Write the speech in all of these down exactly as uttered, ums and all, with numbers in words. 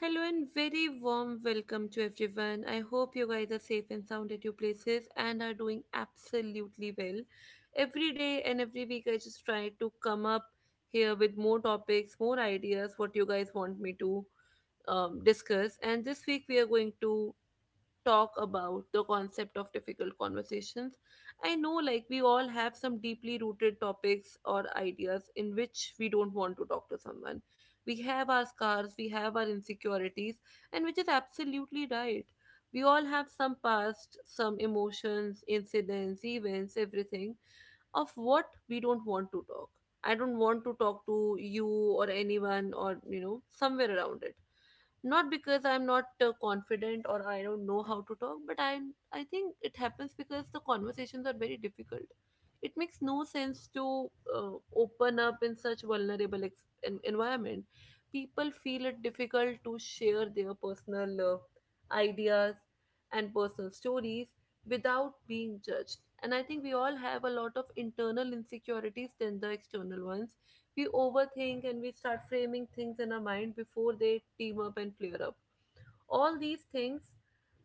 Hello and very warm welcome to everyone. I hope you guys are safe and sound at your places and are doing absolutely well. Every day and every week, I just try to come up here with more topics, more ideas, what you guys want me to um, discuss. And this week, we are going to talk about the concept of difficult conversations. I know, like, we all have some deeply rooted topics or ideas in which we don't want to talk to someone. We have our scars, we have our insecurities, and which is absolutely right. We all have some past, some emotions, incidents, events, everything of what we don't want to talk. I don't want to talk to you or anyone or, you know, somewhere around it, not because I'm not uh, confident or I don't know how to talk, but i i think it happens because the conversations are very difficult. It makes no sense to uh, open up in such vulnerable ex- en- environment. People feel it difficult to share their personal uh, ideas and personal stories without being judged. And I think we all have a lot of internal insecurities than the external ones. We overthink and we start framing things in our mind before they team up and flare up. All these things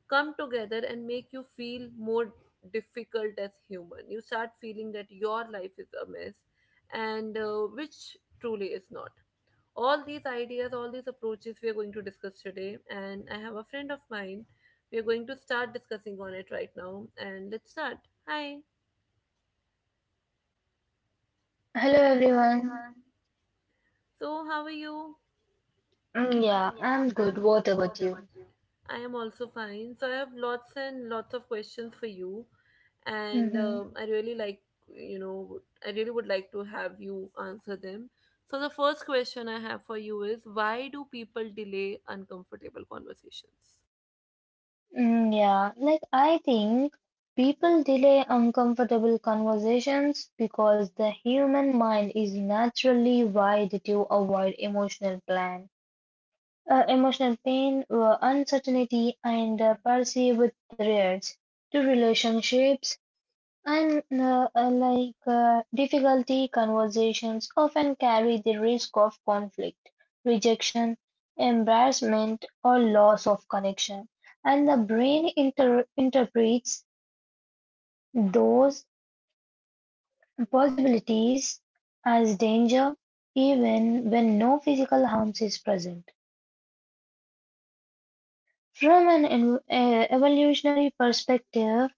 come together and make you feel more difficult as human. You start feeling that your life is a mess, and uh, which truly is not. All these ideas, all these approaches we are going to discuss today, and I have a friend of mine. We are going to start discussing on it right now, and let's start. Hi. Hello Hello everyone. everyone. So, how are you? Mm, Mm, yeah, yeah, I'm I'm good. good. What What about about you? you? I am also fine. So I have lots and lots of questions for you, and Mm-hmm. um, I really like, you know, I really would like to have you answer them. So the first question I have for you is, why do people delay uncomfortable conversations? Mm, yeah, like I think people delay uncomfortable conversations because the human mind is naturally wired to avoid emotional plan, uh, emotional pain, uh, uncertainty, and uh, perceived threats to relationships. And uh, uh, like uh, Difficulty conversations often carry the risk of conflict, rejection, embarrassment, or loss of connection. And the brain inter- interprets those possibilities as danger even when no physical harm is present. From an en- uh, evolutionary perspective,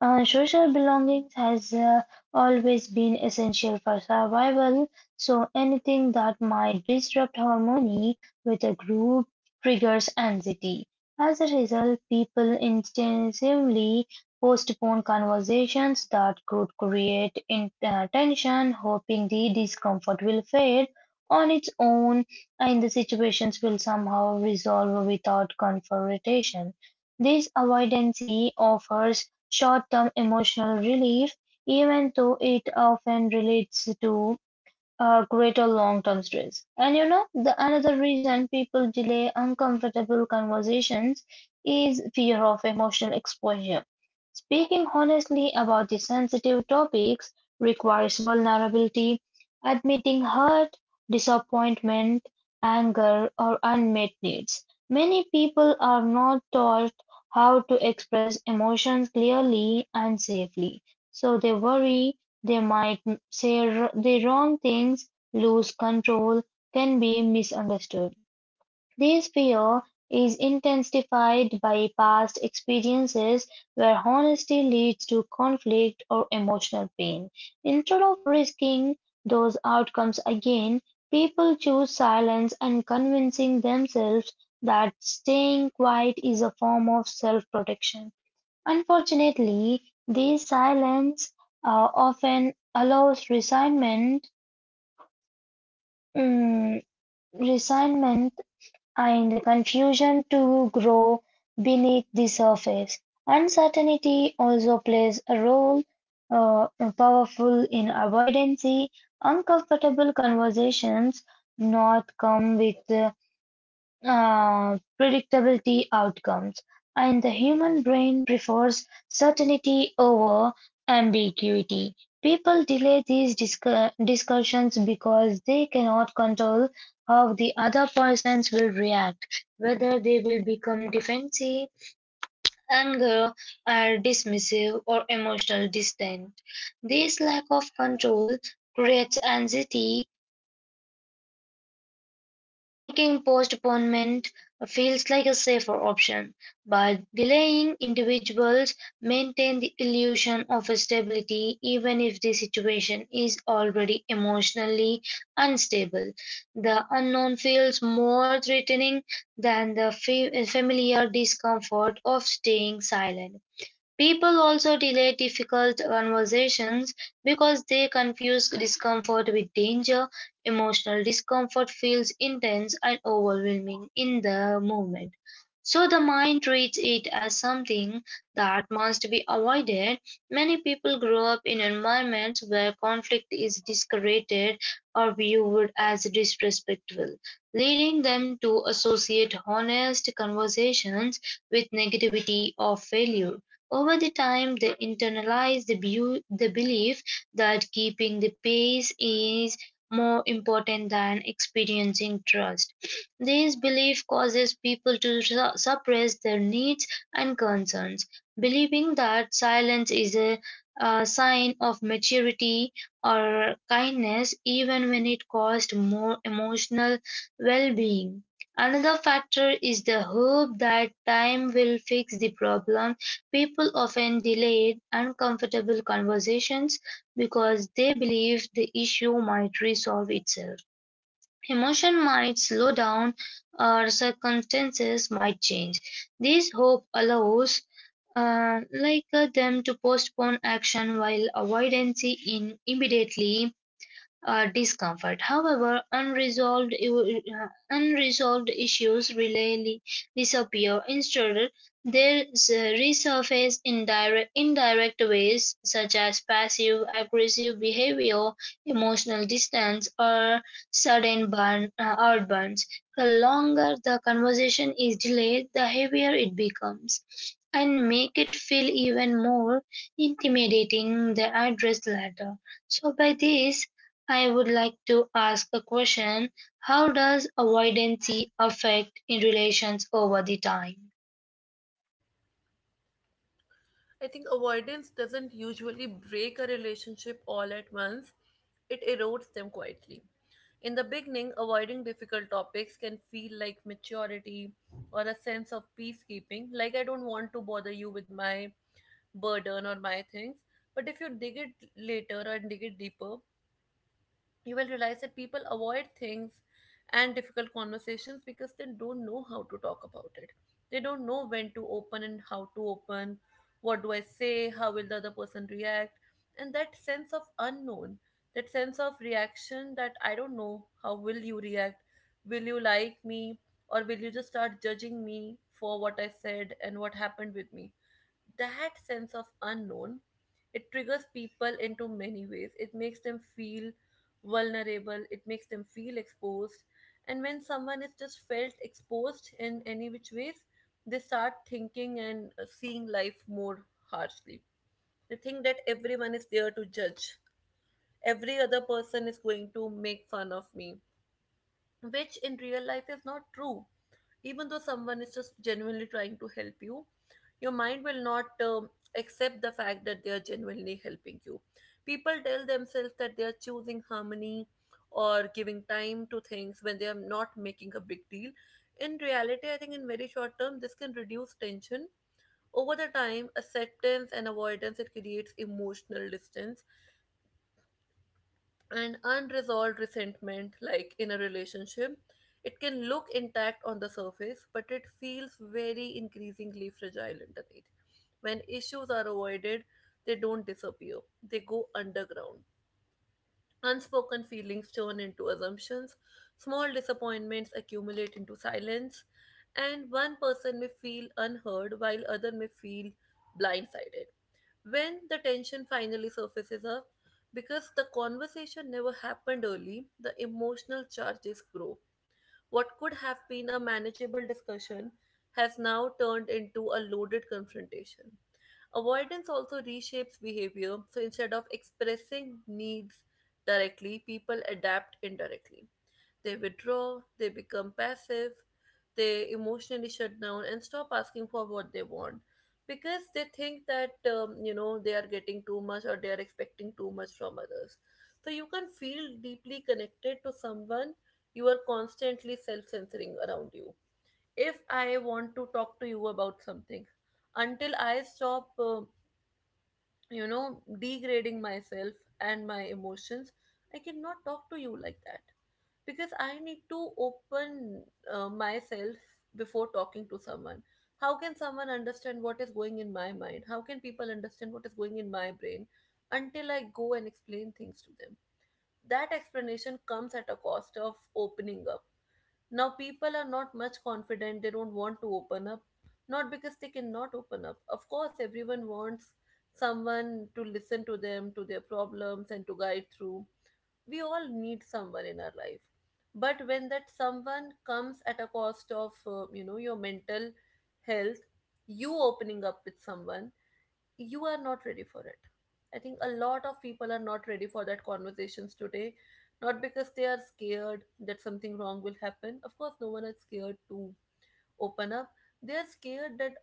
and social belonging has uh, always been essential for survival, so anything that might disrupt harmony with a group triggers anxiety. As a result, people instinctively postpone conversations that could create in, uh, tension, hoping the discomfort will fade on its own and the situations will somehow resolve without confrontation. This avoidance offers short-term emotional relief, even though it often relates to a greater long-term stress. And you know, the another reason people delay uncomfortable conversations is fear of emotional exposure. Speaking honestly about the sensitive topics requires vulnerability, admitting hurt, disappointment, anger, or unmet needs. Many people are not taught how to express emotions clearly and safely, so they worry they might say r- the wrong things, lose control, can be misunderstood. This fear is intensified by past experiences where honesty leads to conflict or emotional pain. Instead of risking those outcomes again, people choose silence and convincing themselves that staying quiet is a form of self protection. Unfortunately, this silence uh, often allows resentment, mm, resentment and confusion to grow beneath the surface. Uncertainty also plays a role uh, powerful in avoidance. Uncomfortable conversations not come with uh, uh, predictability outcomes, and the human brain prefers certainty over ambiguity. People delay these discu- discussions because they cannot control how the other persons will react, whether they will become defensive, anger, or dismissive, or emotional distant. This lack of control creates anxiety, making postponement feels like a safer option, but delaying individuals maintain the illusion of stability even if the situation is already emotionally unstable. The unknown feels more threatening than the fa- familiar discomfort of staying silent. People also delay difficult conversations because they confuse discomfort with danger. Emotional discomfort feels intense and overwhelming in the moment, so the mind treats it as something that must be avoided. Many people grow up in environments where conflict is discouraged or viewed as disrespectful, leading them to associate honest conversations with negativity or failure. Over the time, they internalize the, bu- the belief that keeping the pace is more important than experiencing trust. This belief causes people to su- suppress their needs and concerns, believing that silence is a, a sign of maturity or kindness, even when it caused more emotional well being. Another factor is the hope that time will fix the problem. People often delay uncomfortable conversations because they believe the issue might resolve itself. Emotion might slow down or circumstances might change. This hope allows uh, like uh, them to postpone action while avoidance in immediately uh, discomfort. However, unresolved uh, unresolved issues rarely disappear. Instead, they resurface in direct indirect ways such as passive aggressive behavior, emotional distance, or sudden burn uh, outbursts. The longer the conversation is delayed, the heavier it becomes, and make it feel even more intimidating the address letter. So by this, I would like to ask a question. How does avoidance affect in relations over the time? I think avoidance doesn't usually break a relationship all at once. It erodes them quietly. In the beginning, avoiding difficult topics can feel like maturity or a sense of peacekeeping, like I don't want to bother you with my burden or my things. But if you dig it later and dig it deeper, you will realize that people avoid things and difficult conversations because they don't know how to talk about it. They don't know when to open and how to open. What do I say? How will the other person react? And that sense of unknown, that sense of reaction, that I don't know how will you react? Will you like me? Or will you just start judging me for what I said and what happened with me? That sense of unknown, it triggers people into many ways. It makes them feel vulnerable, it makes them feel exposed. And when someone is just felt exposed in any which ways, they start thinking and uh, seeing life more harshly. They think that everyone is there to judge, every other person is going to make fun of me, which in real life is not true. Even though someone is just genuinely trying to help you, your mind will not um, accept the fact that they are genuinely helping you. People tell themselves that they are choosing harmony or giving time to things when they are not making a big deal. In reality, I think in very short term, this can reduce tension. Over the time, acceptance and avoidance, it creates emotional distance and unresolved resentment. Like in a relationship, it can look intact on the surface, but it feels very increasingly fragile underneath. When issues are avoided, they don't disappear, they go underground. Unspoken feelings turn into assumptions, small disappointments accumulate into silence, and one person may feel unheard while other may feel blindsided. When the tension finally surfaces up, because the conversation never happened early, the emotional charges grow. What could have been a manageable discussion has now turned into a loaded confrontation. Avoidance also reshapes behavior, so instead of expressing needs directly, people adapt indirectly. They withdraw, they become passive, they emotionally shut down and stop asking for what they want because they think that um, you know, they are getting too much or they are expecting too much from others. So you can feel deeply connected to someone you are constantly self-censoring around you. If I want to talk to you about something, until I stop, uh, you know, degrading myself and my emotions, I cannot talk to you like that because I need to open uh, myself before talking to someone. How can someone understand what is going in my mind? How can people understand what is going in my brain until I go and explain things to them? That explanation comes at a cost of opening up. Now, people are not much confident, they don't want to open up, not because they cannot open up. Of course, everyone wants someone to listen to them, to their problems, and to guide through. We all need someone in our life, but when that someone comes at a cost of uh, you know, your mental health, you opening up with someone, you are not ready for it. I think a lot of people are not ready for that conversations today, not because they are scared that something wrong will happen. Of course, no one is scared to open up. They are scared that,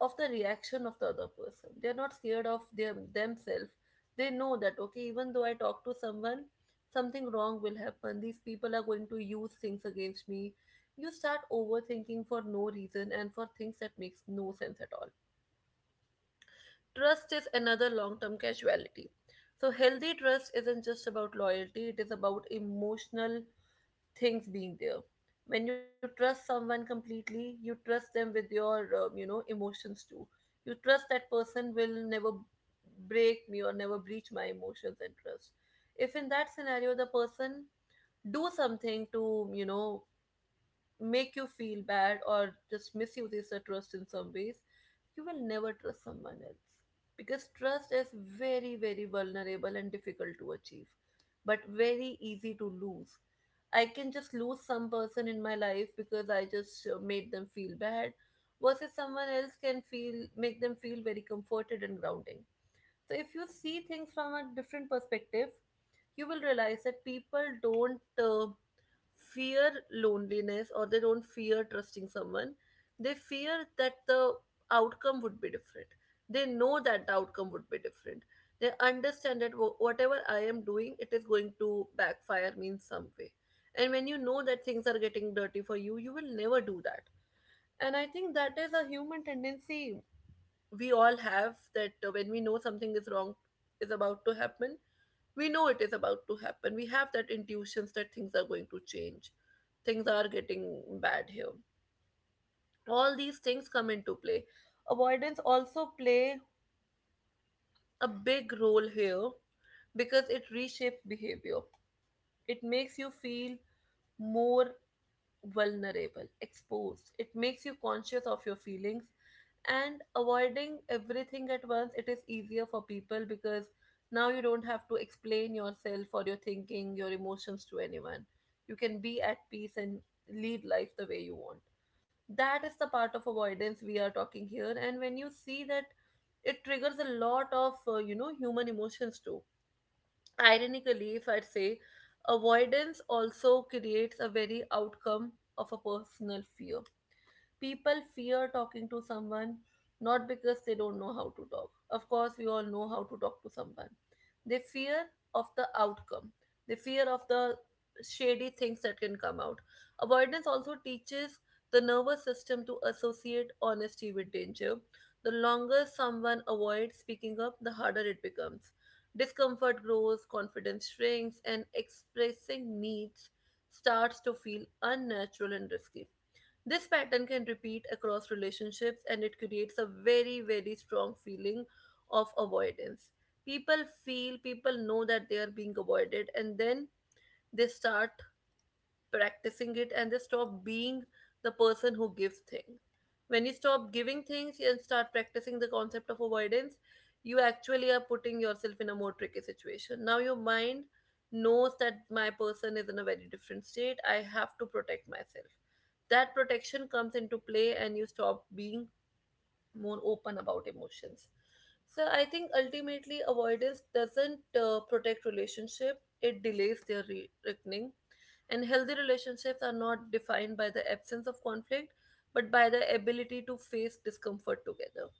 of the reaction of the other person. They are not scared of their themselves. They know that, okay, even though I talk to someone, something wrong will happen, these people are going to use things against me. You start overthinking for no reason and for things that makes no sense at all. Trust is another long term casualty. So healthy trust isn't just about loyalty, it is about emotional things being there. When you trust someone completely, you trust them with your, um, you know, emotions too. You trust that person will never break me or never breach my emotions and trust. If in that scenario the person do something to, you know, make you feel bad or just misuses the trust in some ways, you will never trust someone else. Because trust is very, very vulnerable and difficult to achieve, but very easy to lose. I can just lose some person in my life because I just uh, made them feel bad, versus someone else can feel make them feel very comforted and grounding. So if you see things from a different perspective, you will realize that people don't uh, fear loneliness or they don't fear trusting someone. They fear that the outcome would be different. They know that the outcome would be different. They understand that wh- whatever I am doing, it is going to backfire me in some way. And when you know that things are getting dirty for you, you will never do that. And I think that is a human tendency. We all have that uh, when we know something is wrong is about to happen, we know it is about to happen. We have that intuitions that things are going to change, things are getting bad here. All these things come into play. Avoidance also play a big role here because it reshapes behavior. It makes you feel more vulnerable, exposed. It makes you conscious of your feelings and avoiding everything at once. It is easier for people because now you don't have to explain yourself or your thinking, your emotions to anyone. You can be at peace and lead life the way you want. That is the part of avoidance we are talking here. And when you see that, it triggers a lot of uh, you know, human emotions too. Ironically, if I'd say, avoidance also creates a very outcome of a personal fear. People fear talking to someone not because they don't know how to talk. Of course, we all know how to talk to someone. They fear of the outcome, they fear of the shady things that can come out. Avoidance also teaches the nervous system to associate honesty with danger. The longer someone avoids speaking up, the harder it becomes. Discomfort grows, confidence shrinks, and expressing needs starts to feel unnatural and risky. This pattern can repeat across relationships and it creates a very, very strong feeling of avoidance. People feel, people know that they are being avoided, and then they start practicing it and they stop being the person who gives things. When you stop giving things and start practicing the concept of avoidance, you actually are putting yourself in a more tricky situation. Now your mind knows that my person is in a very different state. I have to protect myself. That protection comes into play and you stop being more open about emotions. So I think ultimately avoidance doesn't uh, protect relationship; it delays their re- reckoning. And healthy relationships are not defined by the absence of conflict, but by the ability to face discomfort together.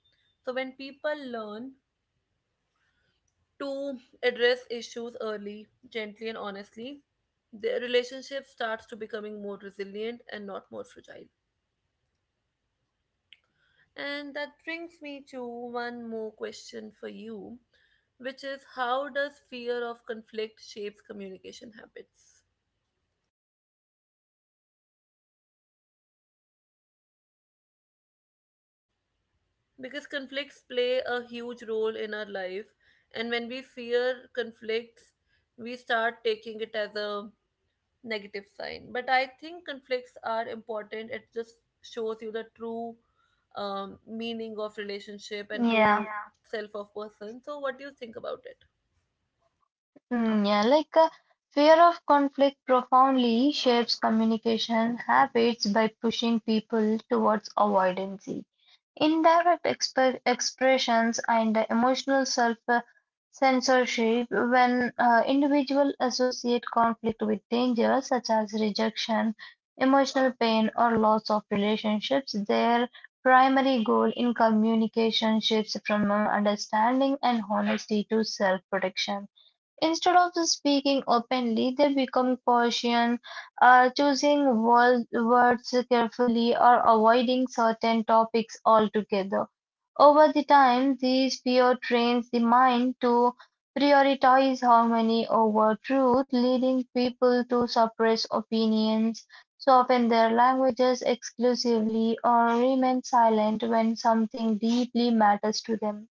So when people learn to address issues early, gently and honestly, their relationship starts to becoming more resilient and not more fragile. And that brings me to one more question for you, which is how does fear of conflict shapes communication habits? Because conflicts play a huge role in our life, and when we fear conflicts, we start taking it as a negative sign. But I think conflicts are important. It just shows you the true um, meaning of relationship and true, Yeah, Yeah, self of person. So, what do you think about it? mm, yeah, like uh, fear of conflict profoundly shapes communication habits by pushing people towards avoidance. Indirect exp- expressions and emotional self-censorship when uh, individuals associate conflict with danger, such as rejection, emotional pain, or loss of relationships. Their primary goal in communication shifts from understanding and honesty to self-protection. Instead of speaking openly, they become cautious, uh, choosing wol- words carefully or avoiding certain topics altogether. Over the time, this fear trains the mind to prioritize harmony over truth, leading people to suppress opinions, soften their languages exclusively, or remain silent when something deeply matters to them.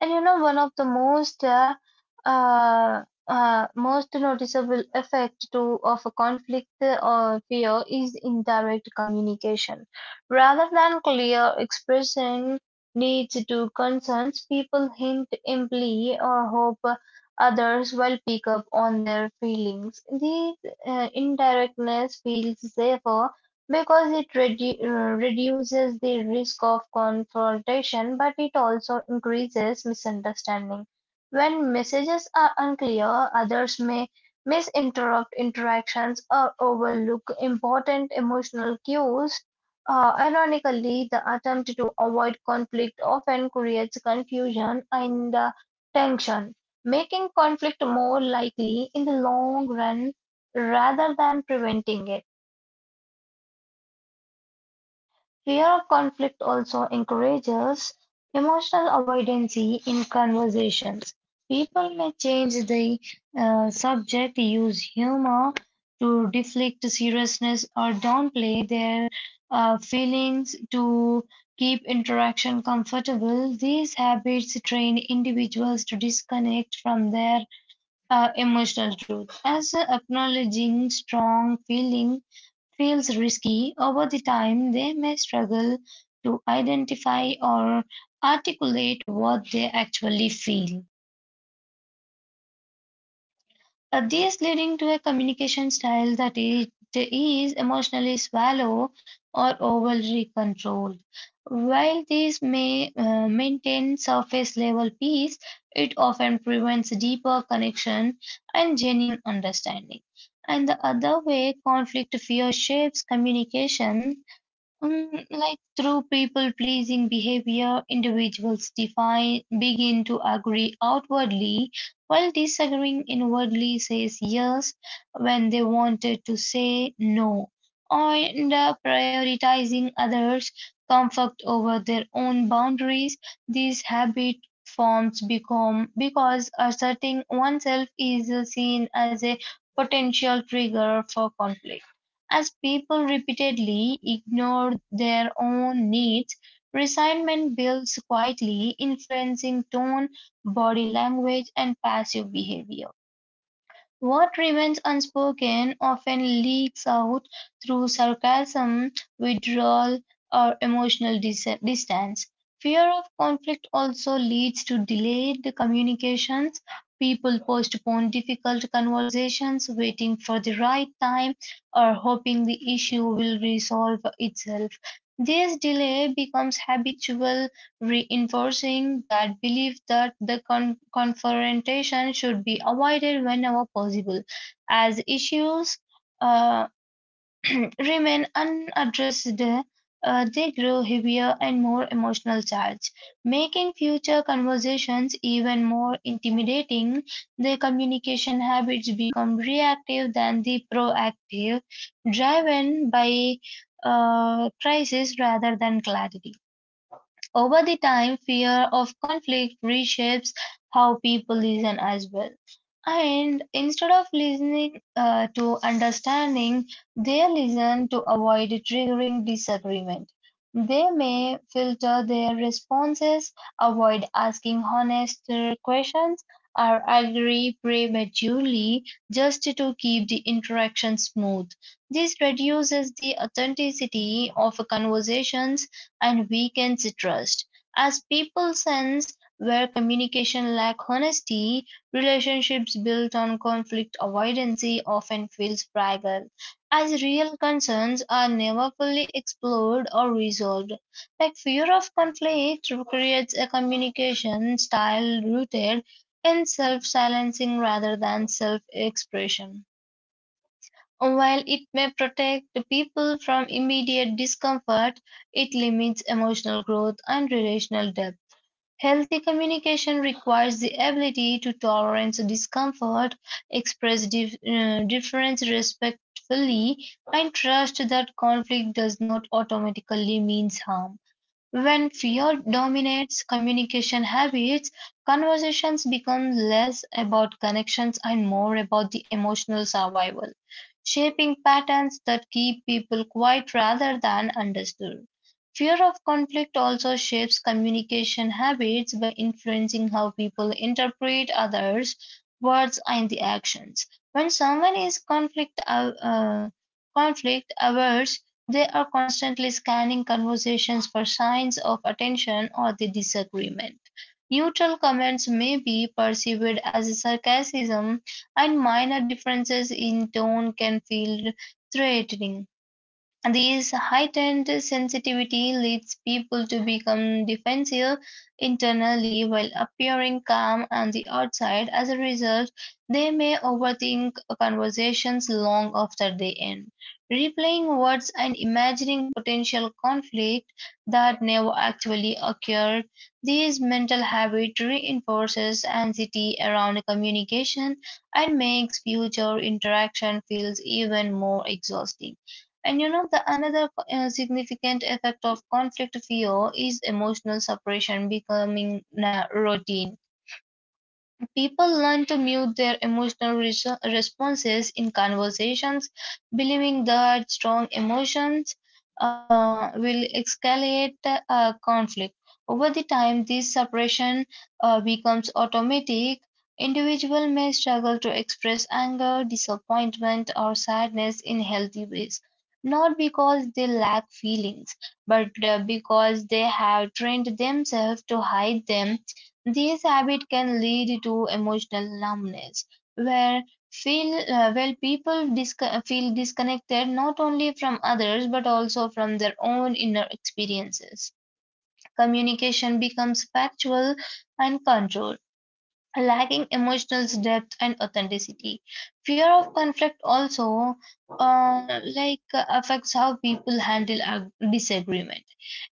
And you know, one of the most uh, uh, uh, most noticeable effect to of a conflict uh, or fear is indirect communication. Rather than clear expressing needs to concerns, people hint imply or hope others will pick up on their feelings. These uh, indirectness feels safer because it redu- uh, reduces the risk of confrontation, but it also increases misunderstanding. When messages are unclear, others may misinterrupt interactions or overlook important emotional cues. Uh, ironically, the attempt to avoid conflict often creates confusion and uh, tension, making conflict more likely in the long run rather than preventing it. Fear of conflict also encourages emotional avoidance in conversations. People may change the uh, subject, use humor to deflect seriousness, or downplay their uh, feelings to keep interaction comfortable. These habits train individuals to disconnect from their uh, emotional truth. As acknowledging strong feeling feels risky, over the time they may struggle to identify or articulate what they actually feel. Uh, this leading to a communication style that it is emotionally shallow or overly controlled. While this may uh, maintain surface level peace, it often prevents deeper connection and genuine understanding. And the other way conflict fear shapes communication, Um, like through people pleasing behavior, individuals define, begin to agree outwardly while disagreeing inwardly, says yes when they wanted to say no, and uh, prioritizing others' comfort over their own boundaries. This habit forms become because asserting oneself is uh, seen as a potential trigger for conflict. As people repeatedly ignore their own needs, resentment builds quietly, influencing tone, body language, and passive behavior. What remains unspoken often leaks out through sarcasm, withdrawal, or emotional dis- distance. Fear of conflict also leads to delayed communications. People postpone difficult conversations, waiting for the right time or hoping the issue will resolve itself. This delay becomes habitual reinforcing that belief that the con- confrontation should be avoided whenever possible, as issues uh, remain unaddressed. Uh, they grow heavier and more emotional charged, making future conversations even more intimidating. Their communication habits become reactive than the proactive, driven by uh, crisis rather than clarity. Over the time, fear of conflict reshapes how people listen as well. And instead of listening uh, to understanding, they listen to avoid triggering disagreement. They may filter their responses, avoid asking honest uh, questions, or agree prematurely just to keep the interaction smooth. This reduces the authenticity of conversations and weakens trust, as people sense where communication lacks honesty, relationships built on conflict avoidance often feels fragile, as real concerns are never fully explored or resolved. Like fear of conflict creates a communication style rooted in self silencing rather than self expression. While it may protect people from immediate discomfort, it limits emotional growth and relational depth. Healthy communication requires the ability to tolerate discomfort, express dif- uh, difference respectfully, and trust that conflict does not automatically mean harm. When fear dominates communication habits, conversations become less about connections and more about the emotional survival, shaping patterns that keep people quiet rather than understood. Fear of conflict also shapes communication habits by influencing how people interpret others' words and the actions. When someone is conflict, uh, uh, conflict averse, they are constantly scanning conversations for signs of attention or the disagreement. Neutral comments may be perceived as sarcasm, and minor differences in tone can feel threatening. And this heightened sensitivity leads people to become defensive internally while appearing calm on the outside. As a result, they may overthink conversations long after they end, replaying words and imagining potential conflict that never actually occurred. This mental habit reinforces anxiety around communication and makes future interaction feels even more exhausting. And you know, the another uh, significant effect of conflict fear is emotional suppression becoming na routine. People learn to mute their emotional res- responses in conversations, believing that strong emotions uh, will escalate uh, conflict. Over the time, this suppression uh, becomes automatic. Individual may struggle to express anger, disappointment, or sadness in healthy ways, not because they lack feelings, but uh, because they have trained themselves to hide them. This habit can lead to emotional numbness, where feel uh, where people disc- feel disconnected not only from others but also from their own inner experiences. Communication becomes factual and controlled, lacking emotional depth and authenticity. Fear of conflict also uh, like uh, affects how people handle a disagreement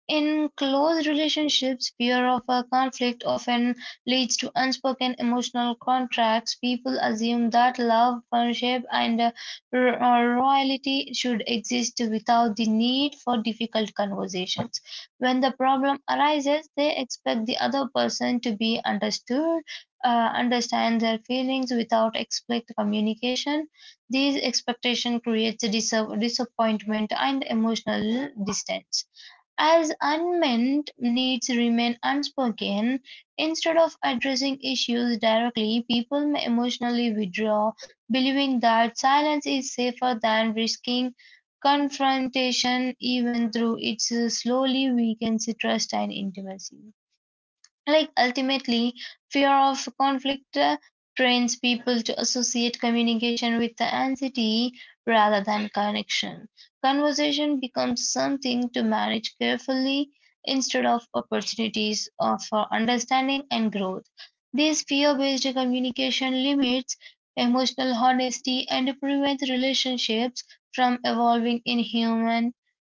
in close relationships, fear of a conflict often leads to unspoken emotional contracts. People assume that love, friendship, and uh, ro- uh, loyalty should exist without the need for difficult conversations. When the problem arises, they expect the other person to be understood, uh, understand their feelings without explicit communication. These expectations create dis- disappointment and emotional distance. As unmet needs remain unspoken, instead of addressing issues directly, people may emotionally withdraw, believing that silence is safer than risking confrontation, even through it slowly weakens trust and intimacy. Like ultimately, fear of conflict uh, trains people to associate communication with the anxiety rather than connection. Conversation becomes something to manage carefully instead of opportunities of- for understanding and growth. These fear-based communication limits emotional honesty and prevents relationships from evolving in human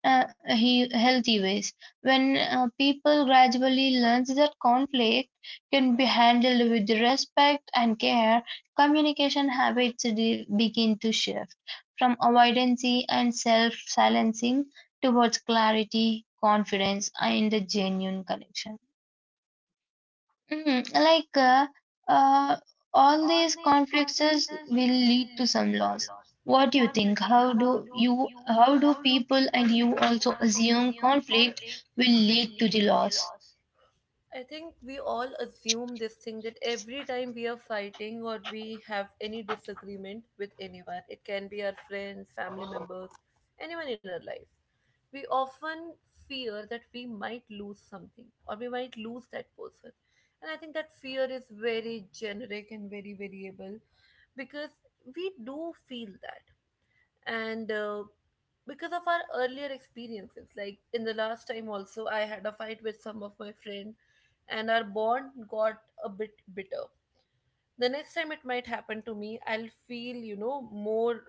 uh, he- healthy ways. When uh, people gradually learn that conflict can be handled with respect and care, communication habits de- begin to shift from avoidance and self silencing towards clarity, confidence, and a genuine connection. Mm, like uh, uh, all All these these conflicts conflicts is- will will lead to lead some to some loss. loss. What do you What do you think? think? How How do do you? you? How do How do people and people, you and you also also, assume assume conflict conflict will will lead to lead the to the loss? loss? I think we all assume this thing that every time we are fighting or we have any disagreement with anyone, it can be our friends, family members, anyone in our life, we often fear that we might lose something or we might lose that person. And I think that fear is very generic and very variable because we do feel that, and uh, because of our earlier experiences, like in the last time also I had a fight with some of my friend, and our bond got a bit bitter. The next time it might happen to me, I'll feel, you know more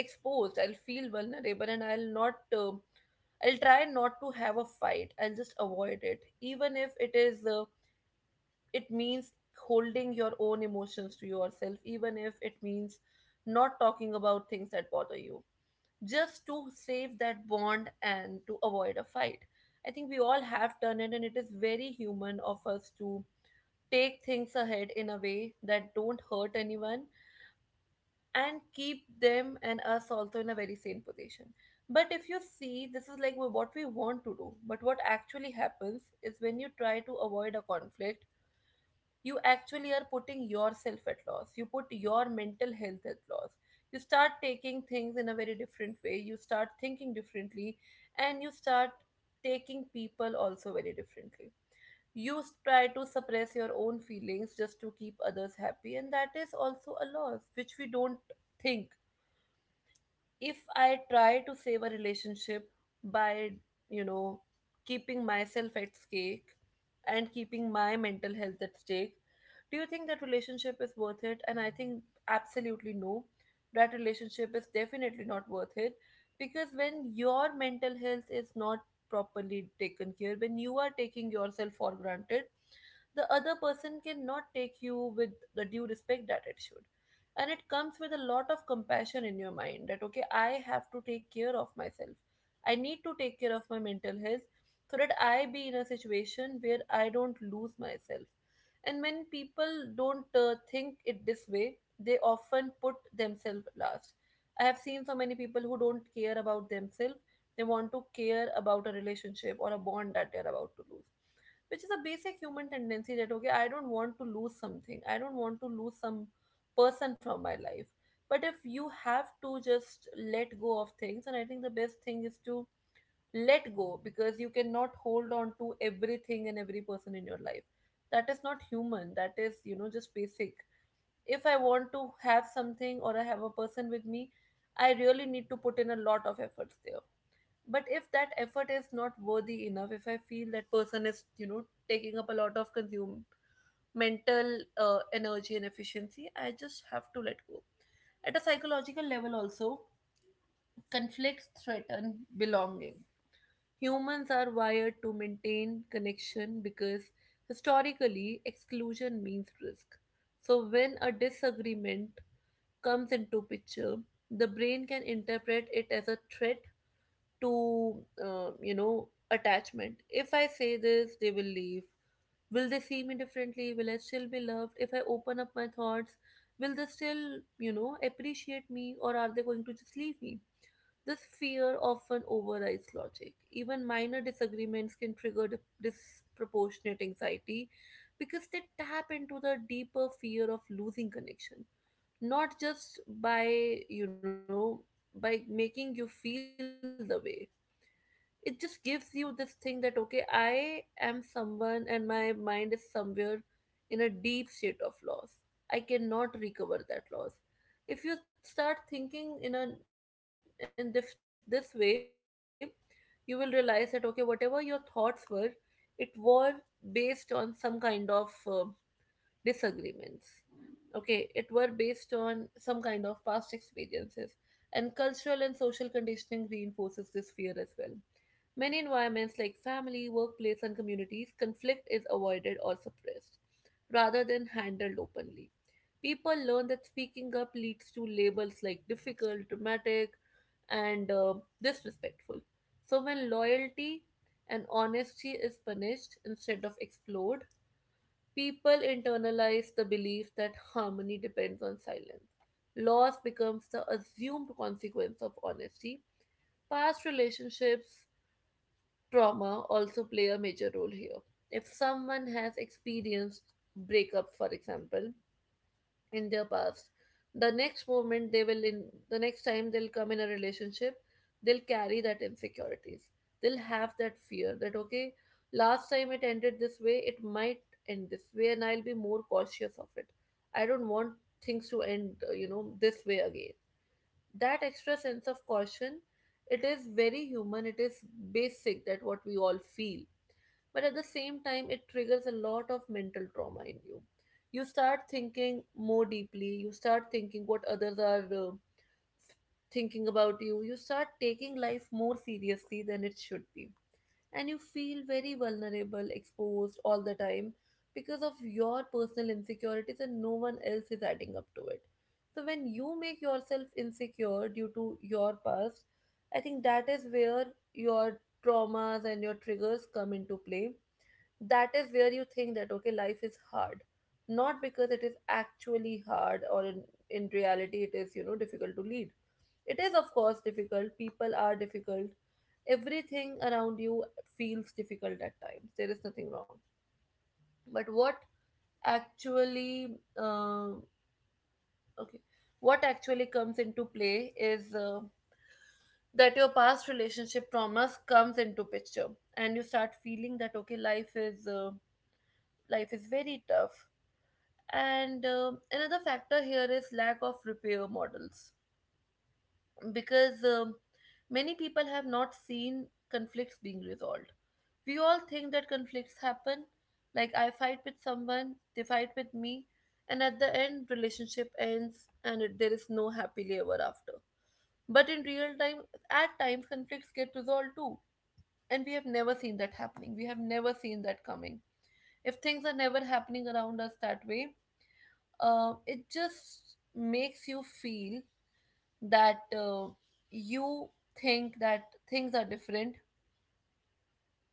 exposed, I'll feel vulnerable, and i'll not uh, I'll try not to have a fight. I'll just avoid it, even if it is uh, it means holding your own emotions to yourself, even if it means not talking about things that bother you, just to save that bond and to avoid a fight. I think we all have done it, and it is very human of us to take things ahead in a way that don't hurt anyone and keep them and us also in a very sane position. But if you see, this is like what we want to do. But what actually happens is when you try to avoid a conflict, you actually are putting yourself at loss. You put your mental health at loss. You start taking things in a very different way. You start thinking differently, and you start taking people also very differently. You s- try to suppress your own feelings just to keep others happy, and that is also a loss which we don't think. If I try to save a relationship by, you know, keeping myself at stake and keeping my mental health at stake, do you think that relationship is worth it? And I think absolutely no. That relationship is definitely not worth it, because when your mental health is not properly taken care, when you are taking yourself for granted, the other person cannot take you with the due respect that it should. And it comes with a lot of compassion in your mind that, okay, I have to take care of myself. I need to take care of my mental health so that I be in a situation where I don't lose myself. And when people don't uh, think it this way, they often put themselves last. I have seen so many people who don't care about themselves. They want to care about a relationship or a bond that they're about to lose, which is a basic human tendency that, okay, I don't want to lose something, I don't want to lose some person from my life. But if you have to just let go of things, and I think the best thing is to let go, because you cannot hold on to everything and every person in your life. That is not human. That is, you know, just basic. If I want to have something or I have a person with me, I really need to put in a lot of efforts there. But if that effort is not worthy enough, if I feel that person is, you know taking up a lot of consume mental uh, energy and efficiency, I just have to let go. At a psychological level also, conflicts threaten belonging. Humans are wired to maintain connection because historically exclusion means risk. So when a disagreement comes into picture, the brain can interpret it as a threat to uh, you know attachment. If I say this, they will leave. Will they see me differently? Will I still be loved if I open up my thoughts? Will they still, you know appreciate me, or are they going to just leave me? This fear often overrides logic. Even minor disagreements can trigger dip- disproportionate anxiety, because they tap into the deeper fear of losing connection, not just by you know by making you feel the way. It just gives you this thing that, okay, I am someone, and my mind is somewhere in a deep state of loss. I cannot recover that loss. If you start thinking in a in this this way, you will realize that, okay, whatever your thoughts were, it was based on some kind of uh, disagreements. Okay, it were based on some kind of past experiences, and cultural and social conditioning reinforces this fear as well. Many environments like family, workplace, and communities, conflict is avoided or suppressed rather than handled openly. People learn that speaking up leads to labels like difficult, dramatic, and uh, disrespectful. So, when loyalty and honesty is punished instead of explored, people internalize the belief that harmony depends on silence. Loss becomes the assumed consequence of honesty. Past relationships, trauma also play a major role here. If someone has experienced breakup, for example, in their paths, the next moment they will in the next time they'll come in a relationship, they'll carry that insecurities. They'll have that fear that, okay, last time it ended this way, it might end this way, and I'll be more cautious of it. I don't want things to end, uh, you know this way again. That extra sense of caution, it is very human, it is basic, that what we all feel. But at the same time, it triggers a lot of mental trauma in you. You start thinking more deeply. You start thinking what others are uh, thinking about you. You start taking life more seriously than it should be, and you feel very vulnerable, exposed all the time because of your personal insecurities, and no one else is adding up to it. So when you make yourself insecure due to your past, I think that is where your traumas and your triggers come into play. That is where you think that, okay, life is hard, not because it is actually hard, or in, in reality it is, you know difficult to lead. It is of course difficult, people are difficult, everything around you feels difficult at times. There is nothing wrong. But what actually um okay what actually comes into play is uh, that your past relationship traumas comes into picture, and you start feeling that, okay, life is uh, life is very tough. And um another factor here is lack of repair models, because, um, many people have not seen conflicts being resolved. We all think that conflicts happen, like I fight with someone, they fight with me, and at the end relationship ends, and it, there is no happily ever after. But in real time, at times conflicts get resolved too, and we have never seen that happening, we have never seen that coming. If things are never happening around us that way, uh, it just makes you feel that, uh, you think that things are different.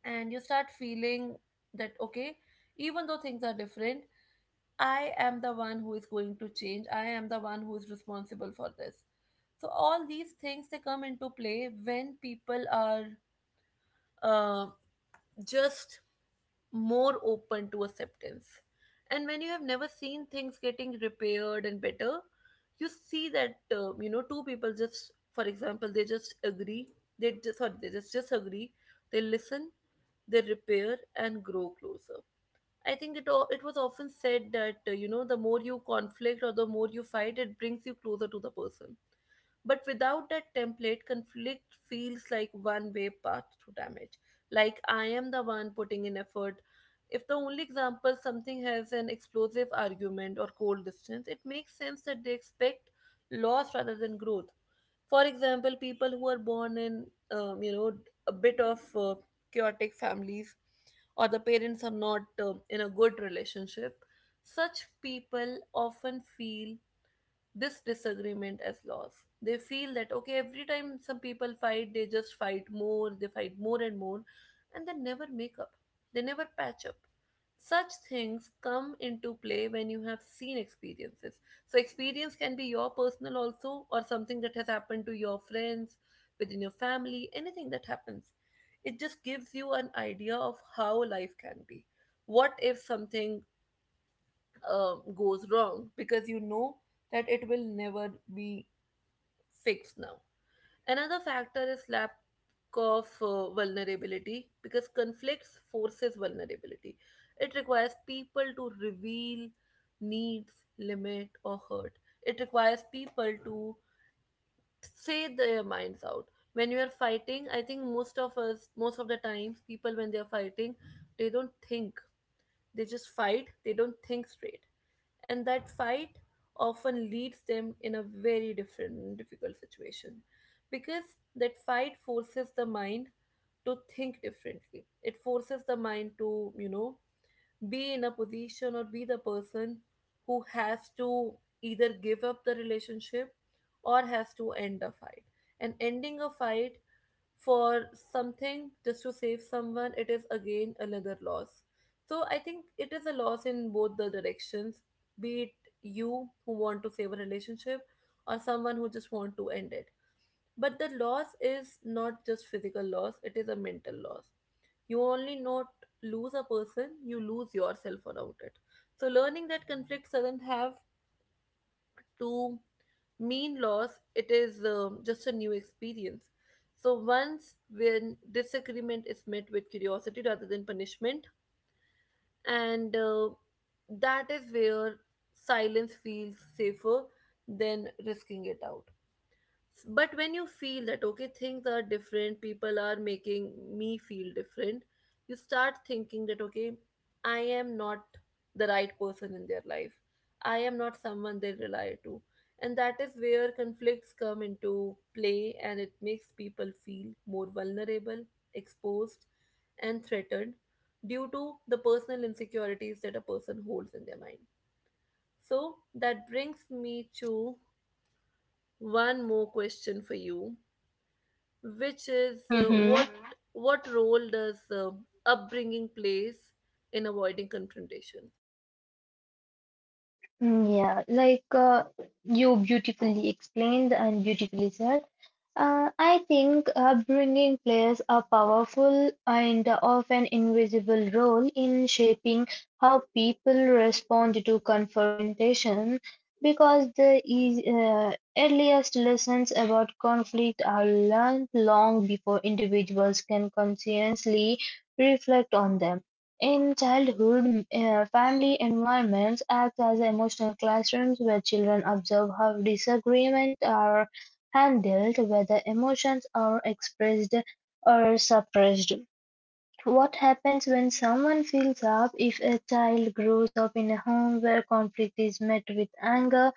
And you start feeling that, okay, even though things are different, I am the one who is going to change, I am the one who is responsible for this. So all these things, they come into play when people are, uh, just more open to acceptance. And when you have never seen things getting repaired and better, you see that, uh, you know two people just, for example, they just agree, they just sorry, they just just agree, they listen, they repair and grow closer. I think it o- it was often said that, uh, you know the more you conflict or the more you fight, it brings you closer to the person. But without that template, conflict feels like one way path to damage. Like I am the one putting in effort. If the only example something has an explosive argument or cold distance, it makes sense that they expect loss rather than growth. For example, people who are born in, um, you know, a bit of uh, chaotic families, or the parents are not uh, in a good relationship, such people often feel this disagreement as loss. They feel that, okay, every time some people fight, they just fight more, they fight more and more, and they never make up, they never patch up. Such things come into play when you have seen experiences. So, experience can be your personal also, or something that has happened to your friends, within your family, anything that happens. It just gives you an idea of how life can be. What if something um, goes wrong because you know that it will never be fixed now. Another factor is lack of uh, vulnerability because conflicts forces vulnerability. It requires people to reveal needs, limit, or hurt. It requires people to say their minds out. When you are fighting, I think most of us, most of the times, people when they are fighting, they don't think they just fight, they don't think straight. And that fight often leads them in a very different and difficult situation because that fight forces the mind to think differently. It forces the mind to, you know, be in a position or be the person who has to either give up the relationship or has to end a fight. And ending a fight for something just to save someone, it is again another loss. So I think it is a loss in both the directions, be it you who want to save a relationship or someone who just want to end it. But the loss is not just physical loss, it is a mental loss. You only not lose a person, you lose yourself around it. So learning that conflict doesn't have to mean loss, it is um, just a new experience. So, once when disagreement is met with curiosity rather than punishment, and uh, that is where silence feels safer than risking it out, but when you feel that okay, things are different, people are making me feel different, you start thinking that okay, I am not the right person in their life, I am not someone they rely to. And that is where conflicts come into play, and it makes people feel more vulnerable, exposed, and threatened due to the personal insecurities that a person holds in their mind. So that brings me to one more question for you, which is uh, what Mm-hmm. Mhm. what role does uh, upbringing plays in avoiding confrontation? Yeah, like uh, you beautifully explained and beautifully said. Uh, I think upbringing plays a powerful and often invisible role in shaping how people respond to confrontation because the eas- uh, earliest lessons about conflict are learned long before individuals can consciously reflect on them. In childhood, uh, family environments act as emotional classrooms where children observe how disagreements are handled, whether emotions are expressed or suppressed. What happens when someone feels up if a child grows up in a home where conflict is met with anger?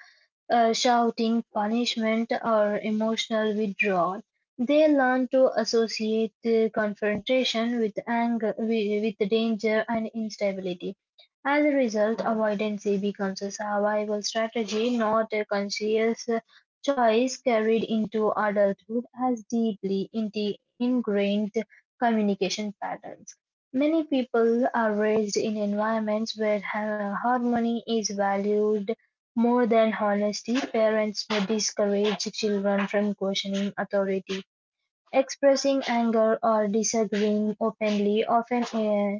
uh, Shouting, punishment, or emotional withdrawal. They learn to associate the confrontation with anger, with, with danger, and instability. As a result, avoidance becomes a survival strategy, not a conscious uh, choice carried into adulthood as deeply inti- ingrained communication patterns. Many people are raised in environments where har- harmony is valued more than honesty, parents may discourage children from questioning authority, expressing anger, or disagreeing openly, often uh,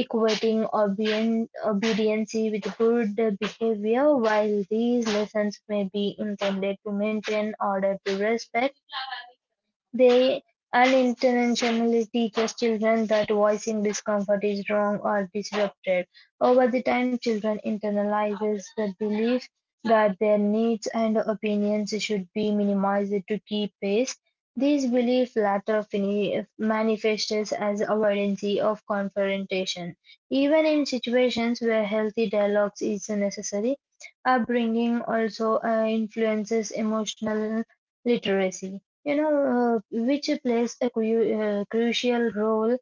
equating obedien- obedience with good behavior. While these lessons may be intended to maintain order to respect, they unintentionally teaches children that voicing discomfort is wrong or disrupted. Over the time, children internalizes the belief that their needs and opinions should be minimized to keep pace. This belief later fini- manifests as avoidance of confrontation. Even in situations where healthy dialogues is necessary, upbringing also uh, influences emotional literacy you know, uh, which plays a cru- uh, crucial role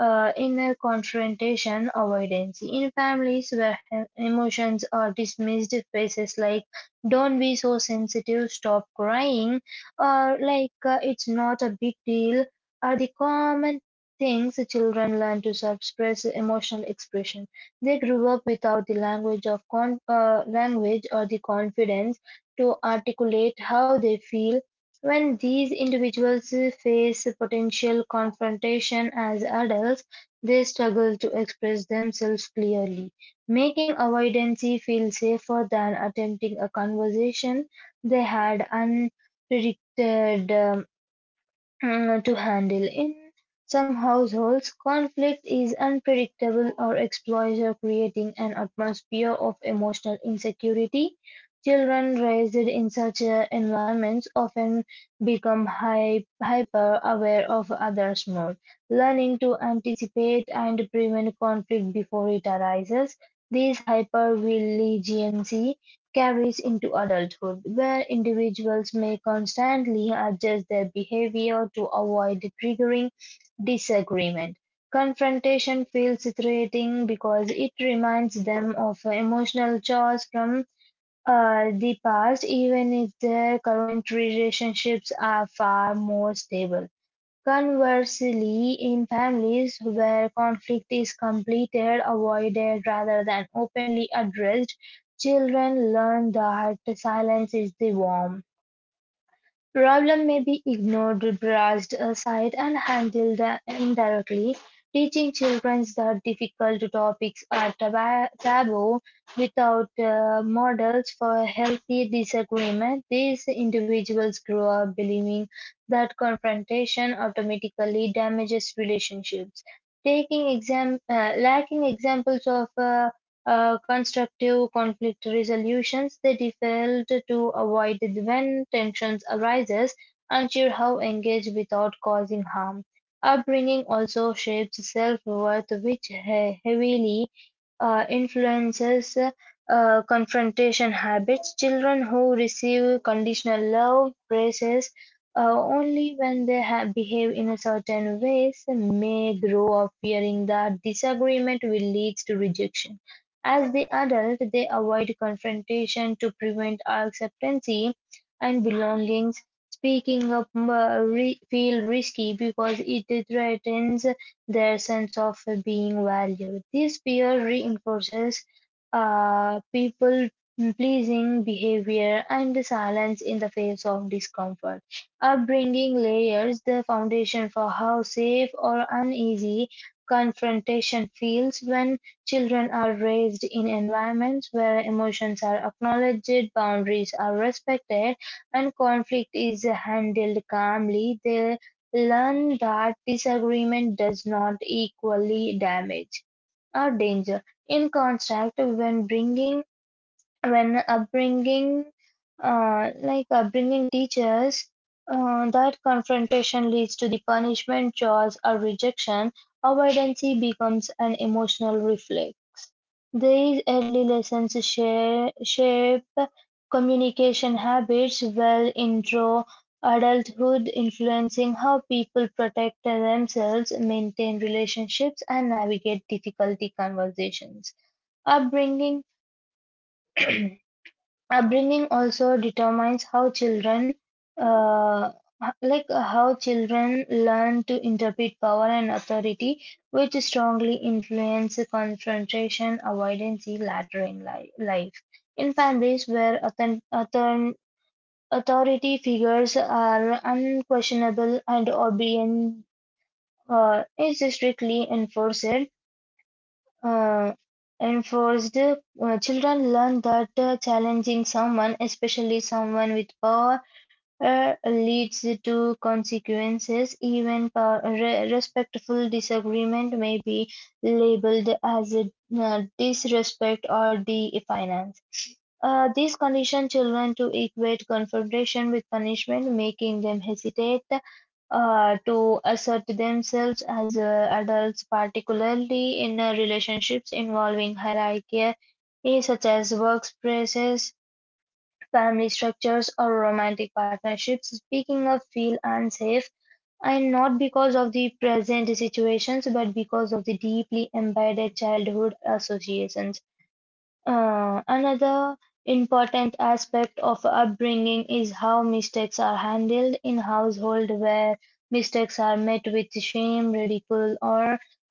uh, in a confrontation avoidance. In families where he- emotions are dismissed, phrases like "Don't be so sensitive," "Stop crying," or like uh, "It's not a big deal." Are the common things children learn to suppress emotional expression. They grew up without the language of con- uh, language or the confidence to articulate how they feel when these individuals face potential confrontation as adults, they struggle to express themselves clearly, making avoidance feel safer than attempting a conversation they had unpredicted um, uh, to handle. In some households, conflict is unpredictable or exploitative, creating an atmosphere of emotional insecurity. Children raised in such uh, environments often become hy- hyper aware of others' mood, learning to anticipate and prevent conflict before it arises. This hypervigilance carries into adulthood, where individuals may constantly adjust their behavior to avoid triggering disagreement. Confrontation feels threatening because it reminds them of emotional chores from uh, the past, even if their current relationships are far more stable. Conversely, in families where conflict is completed, avoided, rather than openly addressed, children learn that silence is the norm. Problem may be ignored, brushed aside, and handled indirectly, teaching children that difficult topics are taba- taboo without uh, models for healthy disagreement. These individuals grow up believing that confrontation automatically damages relationships. Taking exam- uh, lacking examples of uh, uh, constructive conflict resolutions, they default to avoid when tensions arises, unsure how engage without causing harm. Upbringing also shapes self-worth, which he- heavily uh, influences uh, confrontation habits. Children who receive conditional love, praises uh, only when they ha- behave in a certain ways may grow up fearing that disagreement will lead to rejection. As the adult, they avoid confrontation to prevent acceptance and belongings. Speaking up uh, re- feel risky because it threatens their sense of being valued. This fear reinforces uh, people pleasing behavior and silence in the face of discomfort. Upbringing layers the foundation for how safe or uneasy confrontation feels when children are raised in environments where emotions are acknowledged, boundaries are respected, and conflict is handled calmly. They learn that disagreement does not equally damage or danger in contrast, when bringing when upbringing uh, like upbringing teaches uh, that confrontation leads to the punishment chores or rejection avoidance becomes an emotional reflex these early lessons share, shape communication habits well into adulthood influencing how people protect themselves maintain relationships and navigate difficulty conversations upbringing upbringing also determines how children uh, like how children learn to interpret power and authority which strongly influence confrontation avoidance later in li- life in families where author- author- authority figures are unquestionable and obedience uh, is strictly enforced uh, enforced, uh, children learn that uh, challenging someone, especially someone with power, uh, leads to consequences. Even pow- re- respectful disagreement may be labeled as a, uh, disrespect or defiance. Uh, these condition children to equate confrontation with punishment, making them hesitate uh, to assert themselves as uh, adults, particularly in uh, relationships involving hierarchy, eh, such as workplaces, family structures, or romantic partnerships. Speaking of feel unsafe, and not because of the present situations, but because of the deeply embedded childhood associations. Uh, another important aspect of upbringing is how mistakes are handled in household where mistakes are met with shame, ridicule, or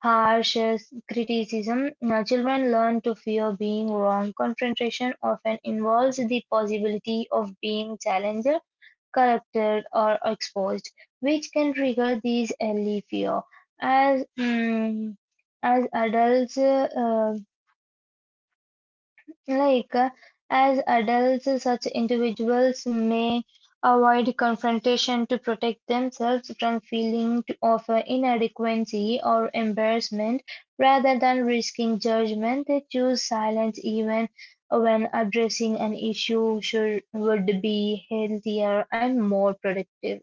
harsh criticism. Now, children learn to fear being wrong. Confrontation often involves the possibility of being challenged, corrected, or exposed, which can trigger these early fear. As mm, as adults, uh, like, uh, As adults, such individuals may avoid confrontation to protect themselves from feeling to- of uh, inadequacy or embarrassment. Rather than risking judgment, they choose silence even when addressing an issue should, would be healthier and more productive.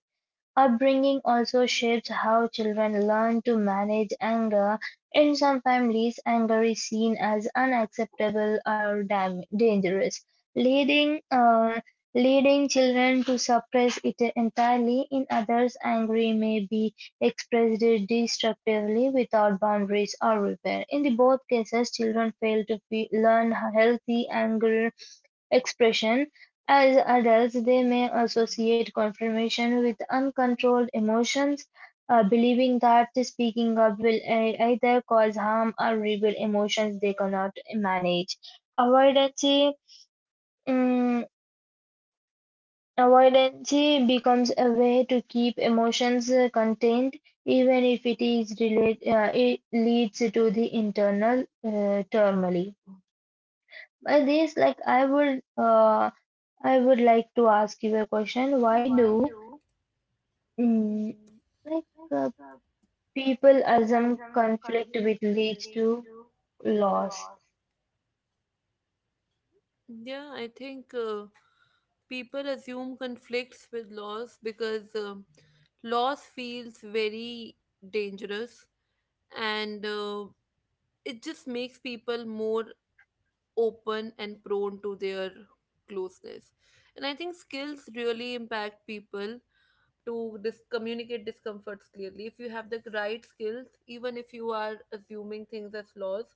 Upbringing also shapes how children learn to manage anger; in some families, anger is seen as unacceptable or dam- dangerous, leading uh, leading children to suppress it entirely. In others, anger may be expressed destructively without boundaries or repair. In the both cases, children fail to fe- learn healthy anger expression; as adults they may associate confirmation with uncontrolled emotions, uh, believing that speaking up will ei- either cause harm or reveal emotions they cannot manage. Avoidance, mm, Avoidance becomes a way to keep emotions uh, contained, even if it is relate, uh, it leads to the internal uh, turmoil. By this, like I would. Uh, I would like to ask you a question. Why And why do do mm, mm, like like, uh, uh, people people assume assume conflict which conflict which leads leads to to loss? loss? Yeah, I think uh, people assume conflicts with loss because um loss feels very dangerous, and uh, it just makes people more open and prone to their closeness. And I think skills really impact people to dis- communicate discomforts clearly. If you have the right skills, even if you are assuming things as laws,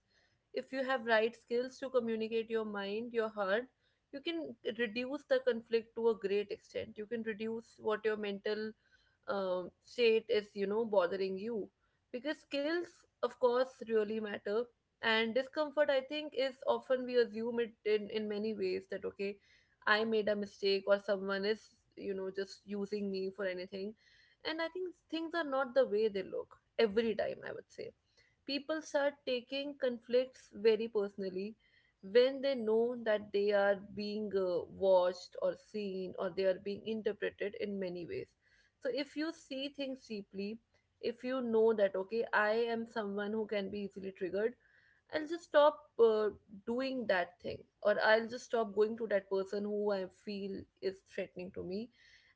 if you have right skills to communicate your mind, your heart, you can reduce the conflict to a great extent. You can reduce what your mental um, state is, you know, bothering you. Because skills, of course, really matter. And discomfort, I think, is often we assume it in in many ways that okay, I made a mistake or someone is, you know, just using me for anything. And I think things are not the way they look every time, I would say. People start taking conflicts very personally when they know that they are being uh, watched or seen, or they are being interpreted in many ways. So if you see things deeply, if you know that okay, I am someone who can be easily triggered, I'll just stop uh, doing that thing, or I'll just stop going to that person who I feel is threatening to me.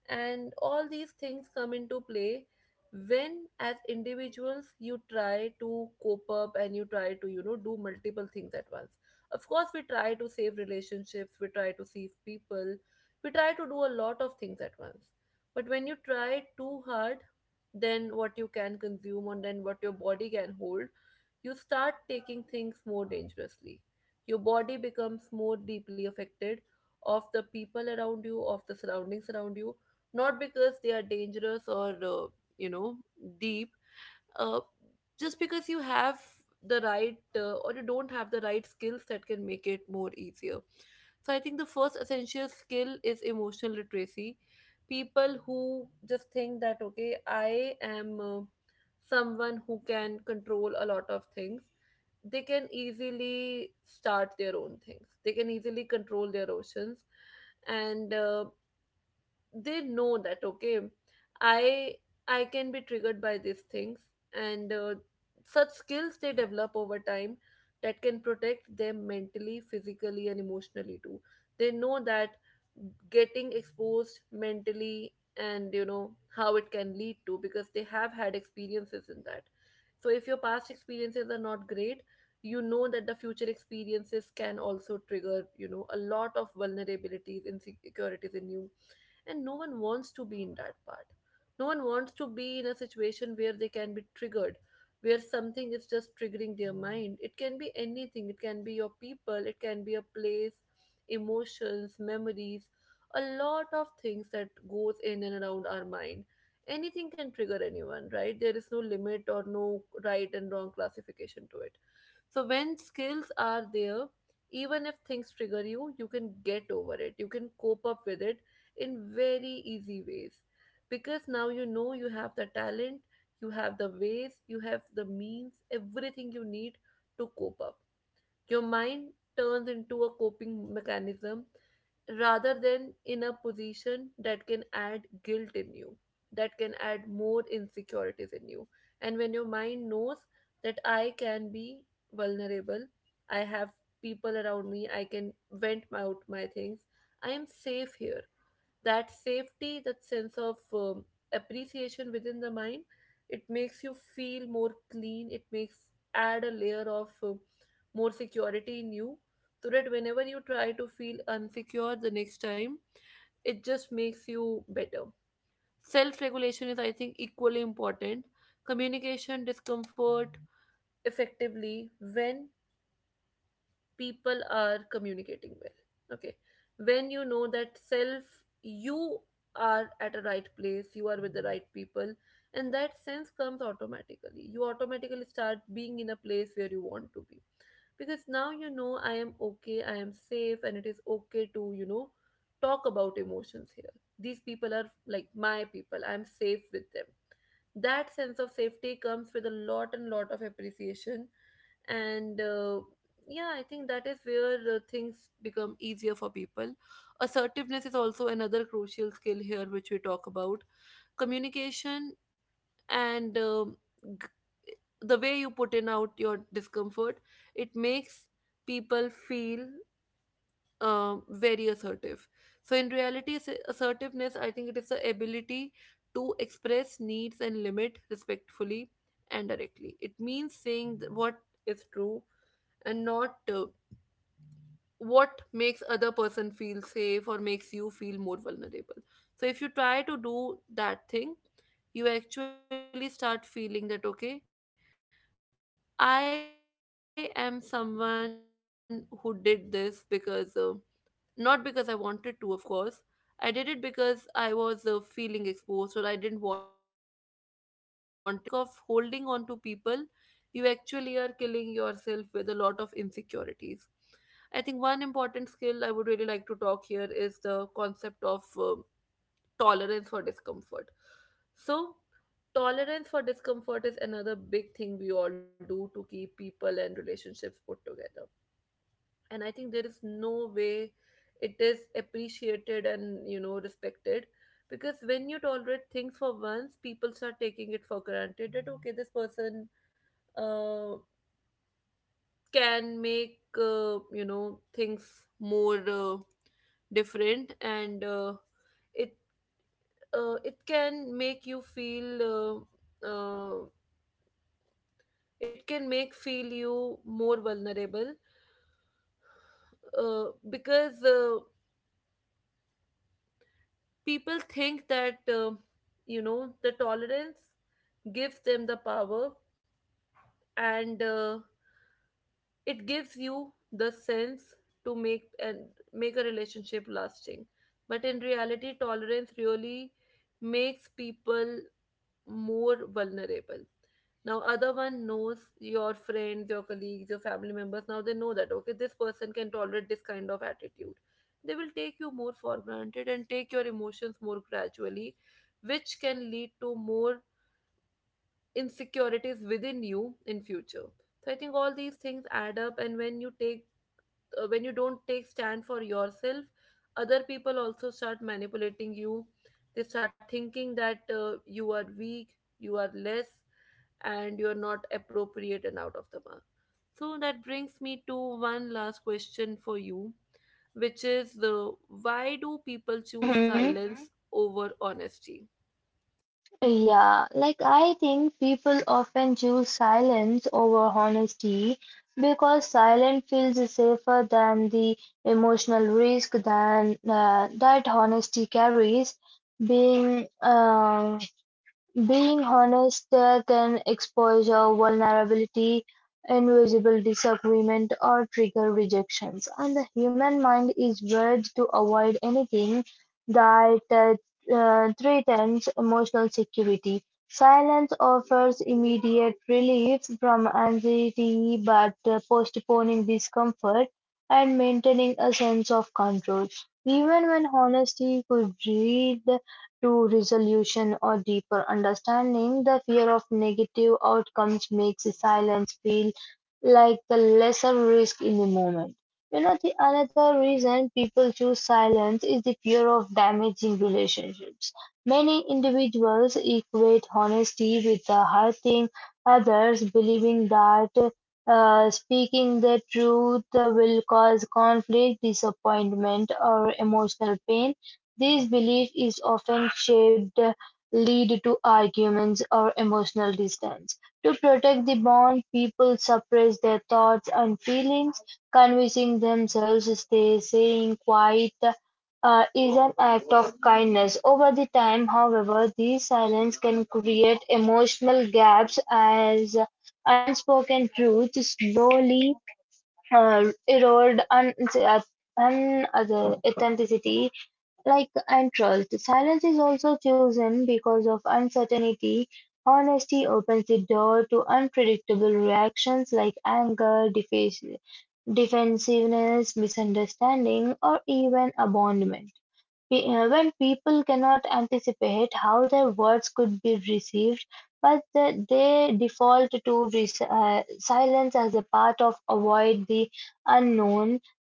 And all these things come into play when, as individuals, you try to cope up, and you try to, you know, do multiple things at once. Of course, we try to save relationships, we try to save people, we try to do a lot of things at once. But when you try too hard, then what you can consume and then what your body can hold, you start taking things more dangerously. Your body becomes more deeply affected of the people around you, of the surroundings around you, not because they are dangerous or uh, you know, deep, uh, just because you have the right uh, or you don't have the right skills that can make it more easier. So I think the first essential skill is emotional literacy. People who just think that okay, I am uh, someone who can control a lot of things, they can easily start their own things, they can easily control their oceans. And uh, they know that okay, i I can be triggered by these things, and uh, such skills they develop over time that can protect them mentally, physically, and emotionally too. They know that getting exposed mentally, and you know how it can lead to, because they have had experiences in that. So if your past experiences are not great, you know that the future experiences can also trigger, you know, a lot of vulnerabilities, insecurities in you. And no one wants to be in that part. No one wants to be in a situation where they can be triggered, where something is just triggering their mind. It can be anything, it can be your people, it can be a place, emotions, memories, a lot of things that goes in and around our mind. Anything can trigger anyone, right? There is no limit or no right and wrong classification to it. So when skills are there, even if things trigger you, you can get over it. You can cope up with it in very easy ways. Because now you know you have the talent, you have the ways, you have the means, everything you need to cope up. Your mind turns into a coping mechanism rather than in a position that can add guilt in you, that can add more insecurities in you. And when your mind knows that I can be vulnerable, I have people around me, I can vent out my things, I am safe here, that safety, that sense of um, appreciation within the mind, it makes you feel more clean. It makes add a layer of um, more security in you, so that whenever you try to feel unsecure the next time, it just makes you better. Self regulation is, I think, equally important. Communication discomfort effectively when people are communicating well, okay, when you know that self, you are at a right place, you are with the right people. And that sense comes automatically, you automatically start being in a place where you want to be. Because now you know I am okay, I am safe, and it is okay to, you know, talk about emotions here. These people are like my people, I'm safe with them. That sense of safety comes with a lot and lot of appreciation. And uh, yeah, I think that is where uh, things become easier for people. Assertiveness is also another crucial skill here, which we talk about. Communication and um, g- the way you put in out your discomfort, it makes people feel um, very assertive. So, in reality, ass- assertiveness, I think it is the ability to express needs and limit respectfully and directly. It means saying th- what is true and not uh, what makes other person feel safe or makes you feel more vulnerable. So if you try to do that thing, you actually start feeling that okay, I am someone who did this because uh, not because I wanted to, of course. I did it because I was uh, feeling exposed, or I didn't wanted to, you know, lose people around me. So when you do something just for the sake of holding on to people, you actually are killing yourself with a lot of insecurities. I think one important skill I would really like to talk here is the concept of uh, tolerance for discomfort. So, tolerance for discomfort is another big thing we all do to keep people and relationships put together. And I think there is no way it is appreciated and, you know, respected. Because when you tolerate things for once, people start taking it for granted that okay, this person uh, can make, uh, you know, things more uh, different, and uh, it uh, it can make you feel, uh, uh, it can make feel you more vulnerable, uh, because uh, people think that uh, you know, the tolerance gives them the power, and uh, it gives you the sense to make and make a relationship lasting. But in reality, tolerance really makes people more vulnerable. Now other one knows, your friends, your colleagues, your family members, now they know that okay, this person can tolerate this kind of attitude. They will take you more for granted and take your emotions more gradually, which can lead to more insecurities within you in future. So I think all these things add up. And when you take uh, when you don't take stand for yourself, other people also start manipulating you. They start thinking that uh, you are weak, you are less, and you are not appropriate and out of the mark. So that brings me to one last question for you, which is the, why do people choose, hmm Mm-hmm. silence Mhm. over honesty? Yeah, like I think people often choose silence over honesty because silence feels safer than the emotional risk than uh, that honesty carries. Being uh, Being honest, they can expose your vulnerability, invisible disagreement, or trigger rejections. And the human mind is wired to avoid anything that uh, uh, threatens emotional security. Silence offers immediate relief from anxiety, but uh, postponing discomfort and maintaining a sense of control. Even when honesty could breed to resolution or deeper understanding. The fear of negative outcomes makes silence feel like the lesser risk in the moment. You know, the another reason people choose silence is the fear of damaging relationships. Many individuals equate honesty with the hurting others, believing that uh, speaking the truth will cause conflict, disappointment, or emotional pain. This belief is often shaped lead to arguments or emotional distance. To protect the bond, people suppress their thoughts and feelings, convincing themselves they saying quiet uh, is an act of kindness. Over the time, however, these silence can create emotional gaps as unspoken truths slowly uh, erode un- un- authenticity like antrust, silence is also chosen because of uncertainty. Honesty opens the door to unpredictable reactions like anger, defa- defensiveness, misunderstanding, or even abandonment. Pe- uh, When people cannot anticipate how their words could be received, but the- they default to res- uh, silence as a part of avoid the unknown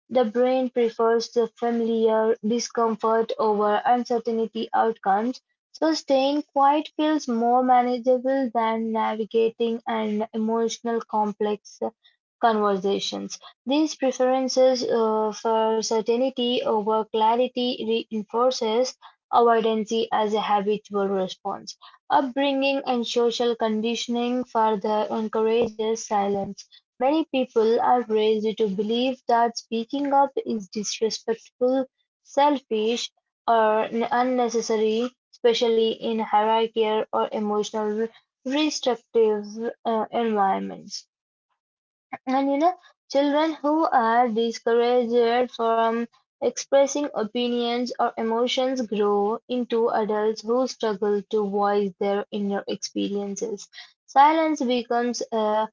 the brain prefers the familiar discomfort over uncertainty outcomes, so staying quiet feels more manageable than navigating an emotional complex conversations. These preferences uh, for certainty over clarity reinforces avoidance as a habitual response. Upbringing and social conditioning further encourages silence. Many people are raised to believe that speaking up is disrespectful, selfish, or unnecessary, especially in hierarchical or emotional restrictive uh, environments. And you know, children who are discouraged from expressing opinions or emotions grow into adults who struggle to voice their inner experiences. Silence becomes a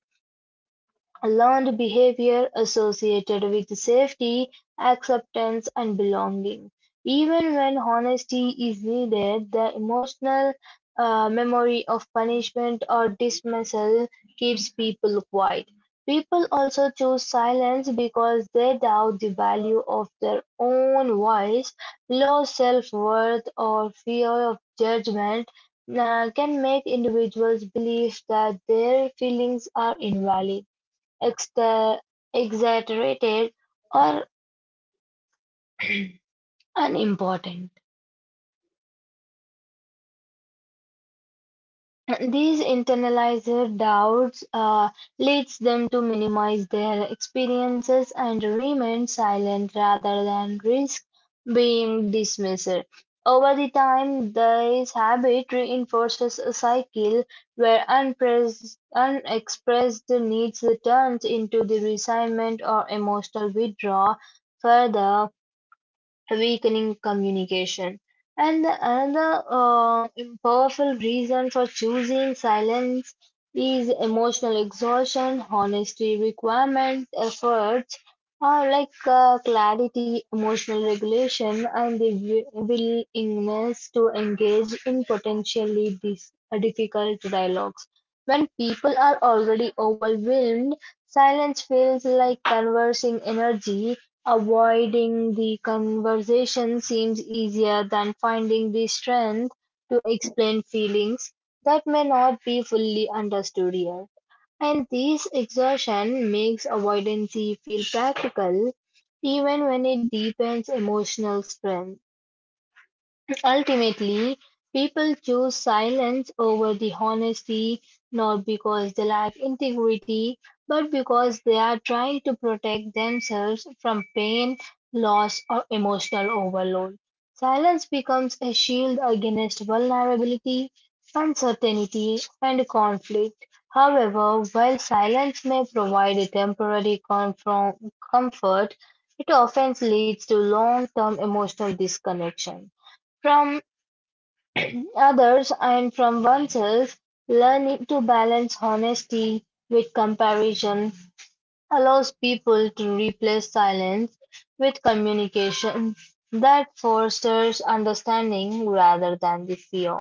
learned behavior associated with safety, acceptance, and belonging. Even when honesty is needed, the emotional uh, memory of punishment or dismissal keeps people quiet. People also choose silence because they doubt the value of their own voice. Low self worth or fear of judgment uh, can make individuals believe that their feelings are invalid exter- exaggerated, or unimportant. These internalized doubts uh, leads them to minimize their experiences and remain silent rather than risk being dismissed. Over the time, this habit reinforces a cycle where unpres- unexpressed needs turns into the resentment or emotional withdrawal. Further, weakening communication. And the another uh, powerful reason for choosing silence is emotional exhaustion, honesty requirement, efforts are like uh, clarity, emotional regulation, and the wi- willingness to engage in potentially dis- uh, difficult dialogues. When people are already overwhelmed, silence feels like conversing energy. Avoiding the conversation seems easier than finding the strength to explain feelings that may not be fully understood yet. And this exertion makes avoidance feel practical even when it deepens emotional strength. Ultimately, people choose silence over the honesty not because they lack integrity, but because they are trying to protect themselves from pain, loss, or emotional overload. Silence becomes a shield against vulnerability, uncertainty, and conflict. However, while silence may provide a temporary comfort, comfort, it often leads to long term emotional disconnection from others and from oneself, learning to balance honesty with comparison allows people to replace silence with communication that fosters understanding rather than the fear.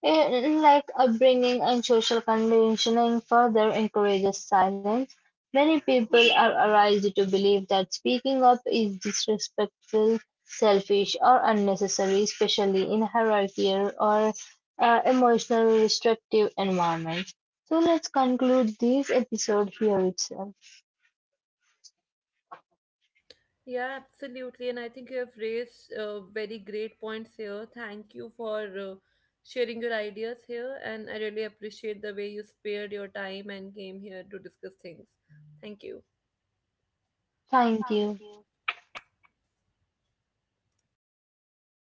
In, like upbringing and social conditioning further encourages silence. Many people are raised to believe that speaking up is disrespectful, selfish, or unnecessary, especially in hierarchical or uh, emotionally restrictive environments. So let's conclude this episode here itself. Yeah, absolutely. And I think you have raised uh, very great points here. Thank you for uh, sharing your ideas here. And I really appreciate the way you spared your time and came here to discuss things. Thank you. Thank Thank you. you.